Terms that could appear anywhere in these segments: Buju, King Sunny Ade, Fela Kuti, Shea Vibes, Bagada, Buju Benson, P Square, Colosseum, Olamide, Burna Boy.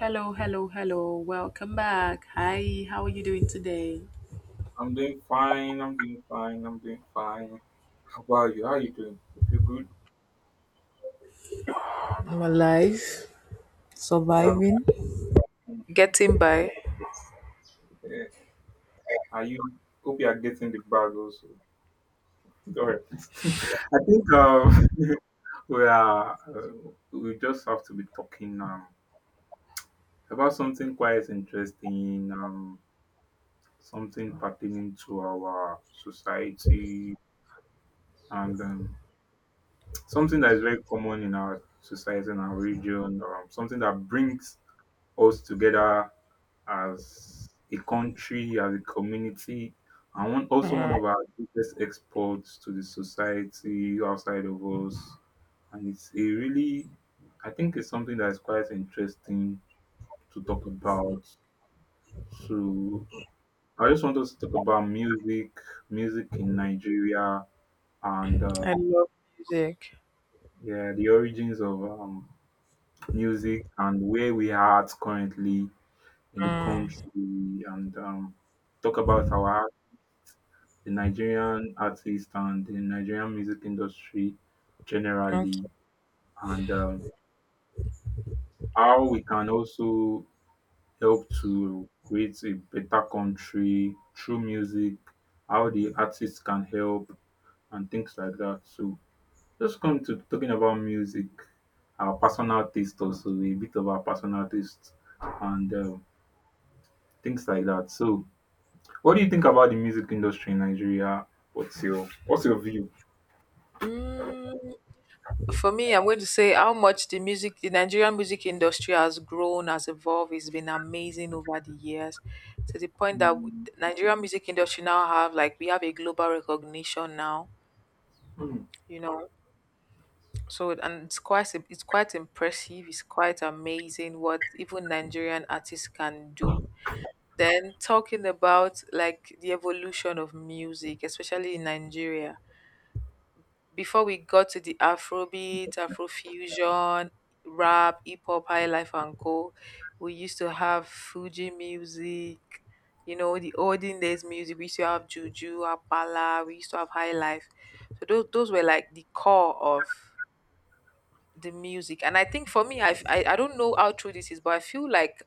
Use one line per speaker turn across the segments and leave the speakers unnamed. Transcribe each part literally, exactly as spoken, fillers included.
Hello, hello, hello. Welcome back. Hi, how are you doing today?
I'm doing fine. I'm doing fine. I'm doing fine. How about you? How are you doing? Hope you're good.
I'm alive,
Um,
surviving.
mm,
Getting by.
eh, Are you? Hope you are getting the bag also. Don't worry. I think um, we are. Uh, we just have to be talking um, about something quite interesting. Um, something pertaining to our society and um, something that is very common in our society and our region. Um, something that brings us together as a country, as a community, and one, also one
Mm,
of our biggest exports to the society outside of us. And it's a really, I think it's something that is quite interesting to talk about. So I just want us to talk about music, music in Nigeria, and
I
uh,
love music.
yeah, the origins of um, music and where we are at currently in the country, and um, talk about our the Nigerian artists and the Nigerian music industry generally,
Okay.
and um, how we can also help to create a better country through music, how the artists can help, and things like that. So, just come to talking about music, our personal taste, also a bit of our personal taste, and um, things like that. So, what do you think about the music industry in Nigeria? What's your what's your view?
Mm, for me, I'm going to say how much the music, the Nigerian music industry has grown, has evolved. It's been amazing over the years, to the point that w-
Hmm.
Nigerian music industry now have like we have a global recognition now. You know. So and it's quite im- it's quite impressive. It's quite amazing what even Nigerian artists can do. Then talking about like the evolution of music, especially in Nigeria. Before we got to the Afrobeat, Afrofusion, rap, hip hop, high life and go, we used to have Fuji music. You know, the olden days music. We used to have Juju, Apala. We used to have high life. So those those were like the core of the music, and I think for me I've, i i don't know how true this is, but I feel like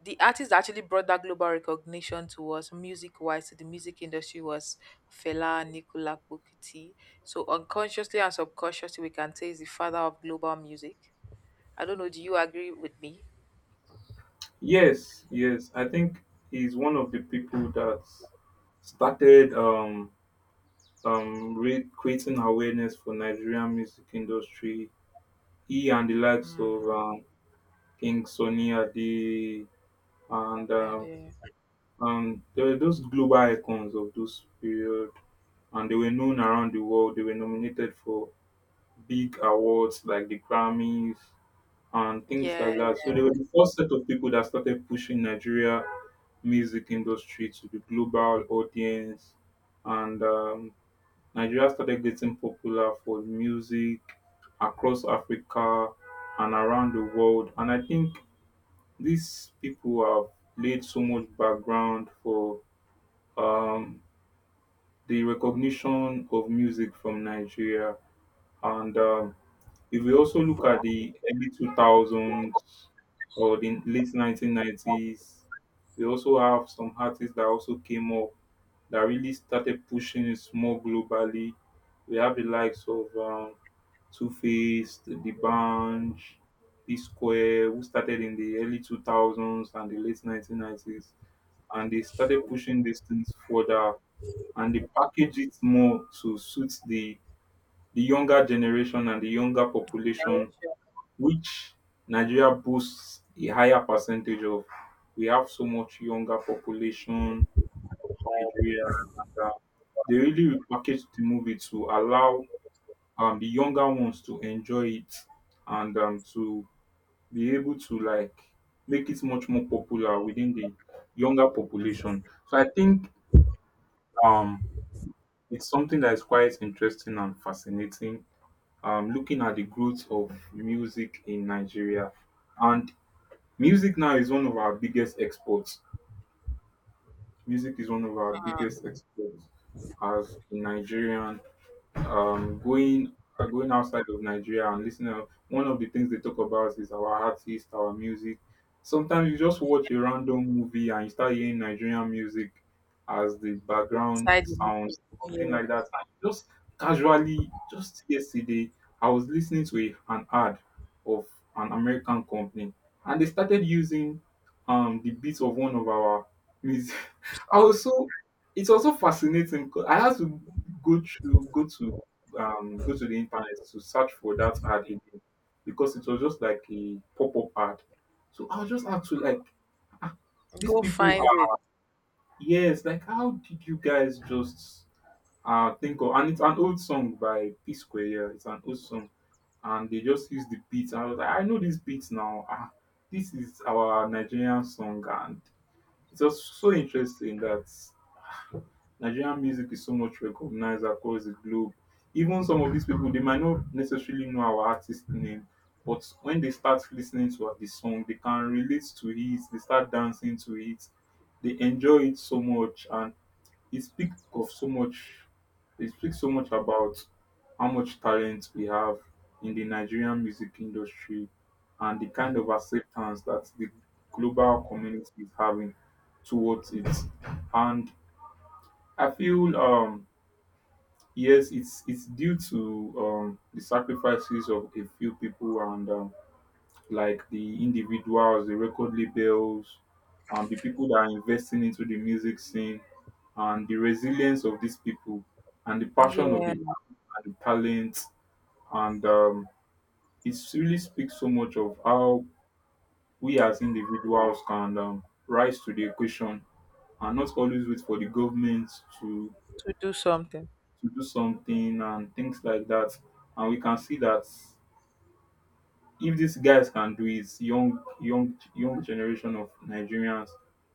the artist that actually brought that global recognition to us music wise, to the music industry, was Fela Nicola Bukiti. So unconsciously and subconsciously we can say is the father of global music. I don't know, do you agree with me?
Yes, yes. I think he's one of the people that started um um re- creating awareness for Nigerian music industry. He and the likes of
Hmm.
um, King Sunny Ade and
yeah
um,
the,
um there were those global icons of those period, and they were known around the world. They were nominated for big awards like the Grammys and things
yeah,
like that. So they were the first set of people that started pushing Nigeria music industry to the global audience and um, Nigeria started getting popular for music across Africa and around the world. And I think these people have laid so much background for um, the recognition of music from Nigeria. And um, if we also look at the early two thousands or the late nineteen nineties, we also have some artists that also came up that really started pushing it more globally. We have the likes of um, Two Faced, The Bunch, P Square, who started in the early two thousands and the late nineteen nineties. And they started pushing these things further, and they package it more to suit the, the younger generation and the younger population, which Nigeria boasts a higher percentage of. We have so much younger population, Nigeria, they really repackaged the movie to allow um, the younger ones to enjoy it and um, to be able to like make it much more popular within the younger population. So I think um, it's something that is quite interesting and fascinating. Um, looking at the growth of music in Nigeria, and music now is one of our biggest exports. Music is one of our biggest exports as a Nigerian um, going uh, going outside of Nigeria and listening out, one of the things they talk about is our artists, our music. Sometimes you just watch a random movie and you start hearing Nigerian music as the background
inside the moment.
sounds, something
Yes,
like that. And you just casually, just yesterday, I was listening to a, an ad of an American company, and they started using um the beats of one of our music. I
um,
was so it was so fascinating 'cause I had to go through go to um, go to the internet to search for that ad again because it was just like a pop up ad. So I was just asked to like, ah, these
go
people
find it.
are yes, like how did you guys just uh think of? And it's an old song by P Square. Yeah, it's an old song, and they just use the beat. And I was like, I know this beat now. Ah, this is our Nigerian song, and it was so interesting that Nigerian music is so much recognized across the globe. Even some of these people, they might not necessarily know our artist name, but when they start listening to the song, they can relate to it, they start dancing to it, they enjoy it so much, and it speaks of so much, it speaks so much about how much talent we have in the Nigerian music industry and the kind of acceptance that the global community is having towards it. And I feel um yes, it's it's due to um the sacrifices of a few people and um, like the individuals, the record labels, and the people that are investing into the music scene, and the resilience of these people, and the passion of the
Yeah,
and the talent, and um, it really speaks so much of how we as individuals can um, rise to the occasion and not always wait for the government to
to do something.
to do something and things like that. And we can see that if these guys can do it, young young young generation of Nigerians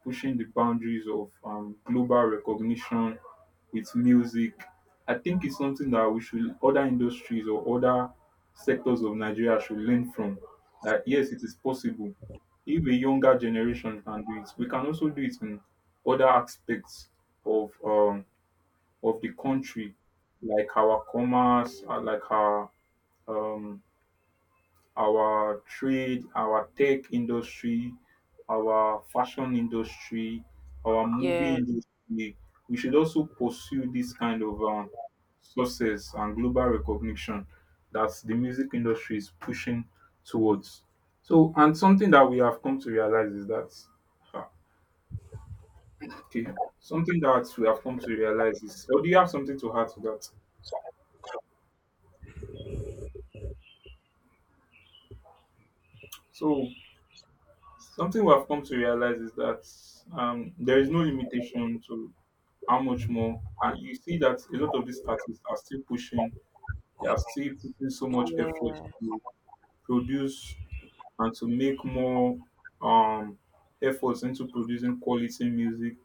pushing the boundaries of um, global recognition with music, I think it's something that we should other industries or other sectors of Nigeria should learn from. That yes, it is possible. If a younger generation can do it, we can also do it in other aspects of um, of the country, like our commerce, uh, like our um, our trade, our tech industry, our fashion industry, our movie
Yeah.
industry. We should also pursue this kind of um, success and global recognition that the music industry is pushing towards. So, and something that we have come to realize is that, ah, okay, something that we have come to realize is, or do you have something to add to that? So, something we have come to realize is that um, there is no limitation to how much more. And you see that a lot of these artists are still pushing, they are still putting so much effort
Yeah,
to produce and to make more um, efforts into producing quality music,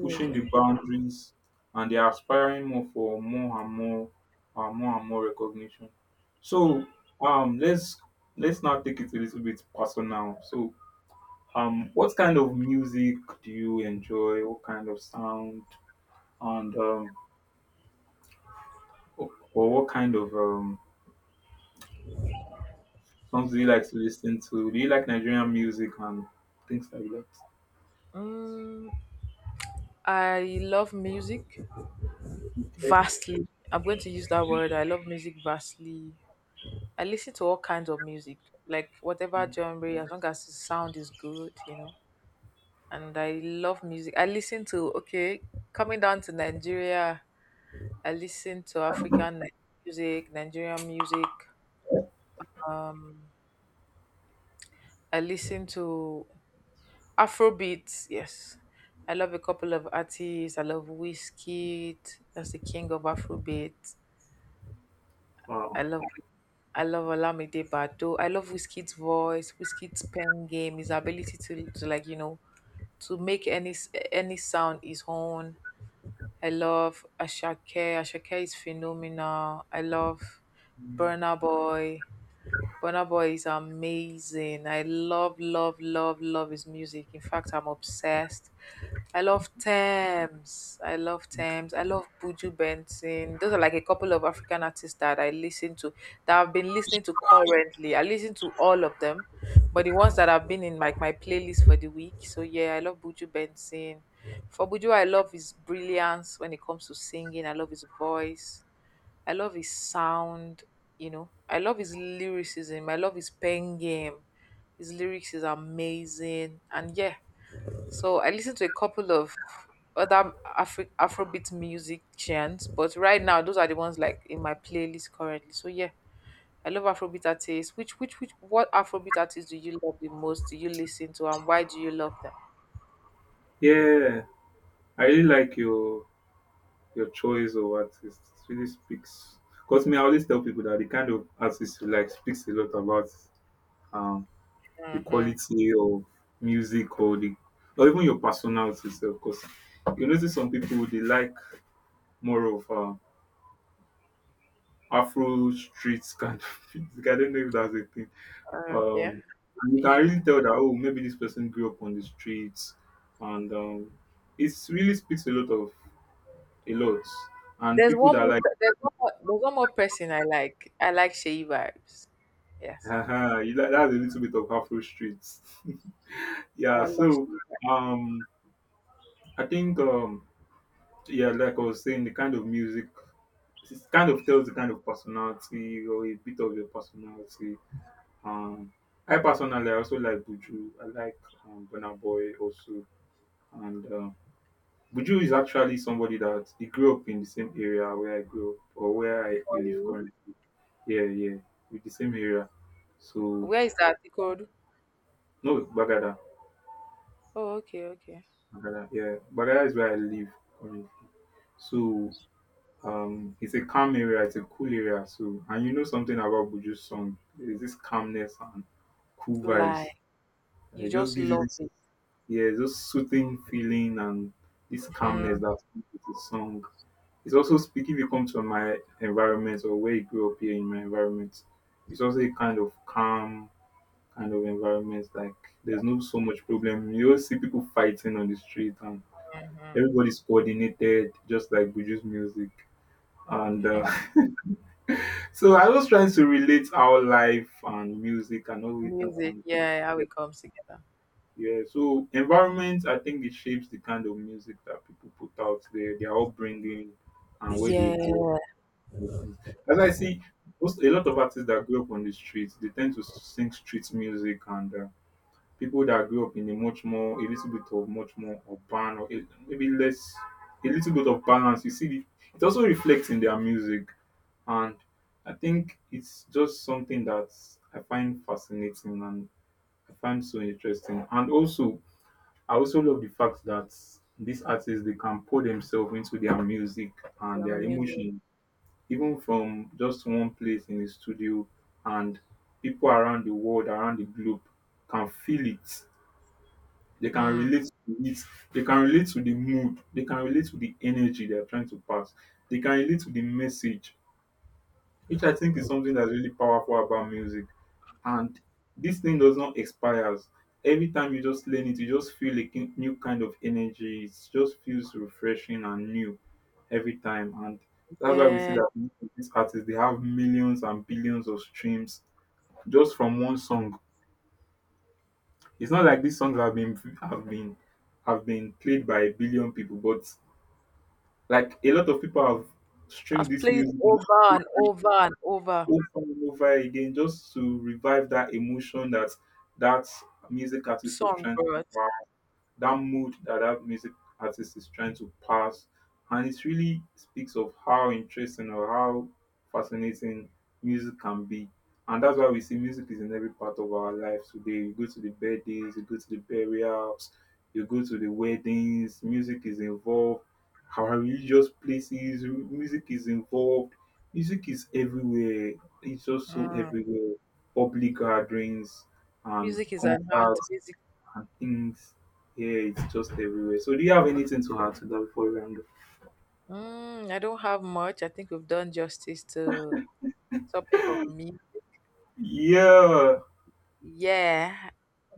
pushing the boundaries, and they are aspiring more for more and more, uh, more and more recognition. So um, let's let's now take it a little bit personal. So um, what kind of music do you enjoy? What kind of sound? And um, o- or what kind of um songs do you like to listen to? Do you like Nigerian music and things like that?
Mm. I love music
Okay.
vastly. I'm going to use that word. I love music vastly. I listen to all kinds of music, like whatever genre, as long as the sound is good, you know. And I love music. I listen to, okay, coming down to Nigeria, I listen to African Ni- music, Nigerian music. Um, I listen to Afrobeats, yes. I love a couple of artists. I love Whiskey. That's the king of Afrobeat.
Wow.
I love I love Olamide Bado. I love Wizkid's voice, Wizkid's pen game, his ability to, to like you know, to make any s- any sound his own. I love Ashake. Ashake is phenomenal. I love Burna Boy. Burna Boy is amazing. I love, love, love, love his music. In fact, I'm obsessed. I love Thames. I love Thames. I love Buju Benson. Those are like a couple of African artists that I listen to, that I've been listening to currently. I listen to all of them, but the ones that have been in like my playlist for the week. So yeah, I love Buju Benson. For Buju, I love his brilliance when it comes to singing. I love his voice. I love his sound, you know. I love his lyricism. I love his pen game. His lyrics is amazing. And yeah, so I listen to a couple of other Afri- Afrobeat music chants, but right now those are the ones like in my playlist currently. So yeah, I love Afrobeat artists. Which which which what Afrobeat artists do you love the most? Do you listen to, and why do you love them?
Yeah, I really like your your choice of artists. It really speaks. Because me, I always tell people that the kind of artist you like speaks a lot about um the
Mm-hmm.
quality of music or the or even your personality self. Because you notice some people they like more of uh, Afro streets kind of music. I don't know if that's a thing.
Uh, yeah,
Um, and you can
fusion.
really tell that oh maybe this person grew up on the streets, and um, it really speaks a lot of a lot. And
There's
people
one
that
more.
like
pe- There's one more. There's one more person I like. I like Shea vibes. Yes,
haha, you like that's a little bit of Afro streets. yeah,
I love
so
Shea.
um, I think um yeah, like I was saying, the kind of music it kind of tells the kind of personality or a bit of your personality. Um, I personally I also like Buju. I like um, Burna Boy also, and um, Buju is actually somebody that he grew up in the same area where I grew up or where I live
Vibes.
currently. Yeah, yeah, with the same area. So
Where is that? Code?
no Bagada,
Oh, okay, okay.
Bagada, yeah, Bagada is where I live currently. So Um, it's a calm area, it's a cool area. So, and you know something about Buju's song. Is this calmness and cool vibes.
Like you
It just
just
gives you
love
this,
it.
yeah, just soothing feeling and this calmness that comes with the song. It's also speaking, if you come to my environment or where you grew up here in my environment, it's also a kind of calm kind of environment. Like, there's no so much problem. You always see people fighting on the street and everybody's coordinated, just like Buju's music. And uh, So I was trying to relate how life and music and everything
Music,
can be.
yeah, how
Yeah,
it comes together.
yeah. So environment, I think it shapes the kind of music that people put out there, their upbringing, and where they grew up.
Yeah,
And things. As I see, most a lot of artists that grew up on the streets, they tend to sing street music, and uh, people that grew up in a much more, a little bit of much more urban or a, maybe less, a little bit of balance. You see, it also reflects in their music and I think it's just something that I find fascinating and I find so interesting. And also, I also love the fact that these artists they can pour themselves into their music and
your
their
music.
emotion, even from just one place in the studio, and people around the world, around the globe, can feel it. They can
Mm,
relate to it. They can relate to the mood. They can relate to the energy they are trying to pass. They can relate to the message which I think is something that's really powerful about music. And this thing does not expire. Every time you just learn it, you just feel a kin- new kind of energy. It just feels refreshing and new every time. And that's why we see
yeah,
that most of these artists they have millions and billions of streams just from one song. It's not like these songs have been have been have been played by a billion people, but like a lot of people have streamed
I've
this
played
music
over and
multiple
over and over.
over and over again just to revive that emotion that that music artist was trying to
Songbird.
that mood that that music artist is trying to pass. And it really speaks of how interesting or how fascinating music can be. And that's why we see music is in every part of our lives today. You go to the birthdays, you go to the burials, you go to the weddings, music is involved. Our religious places, music is involved. Music is everywhere. It's just so
Mm.
everywhere. Public gatherings and
Music is an art.
concerts
Music.
and things. Yeah, it's just everywhere. So, do you have anything to add to that before we round up?
Mm, I don't have much. I think we've done justice to the topic of music.
Yeah.
Yeah,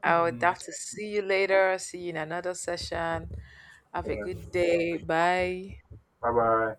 I would
Um,
have to see you later. See you in another session. Have a
yeah.
good day. Bye.
Bye bye.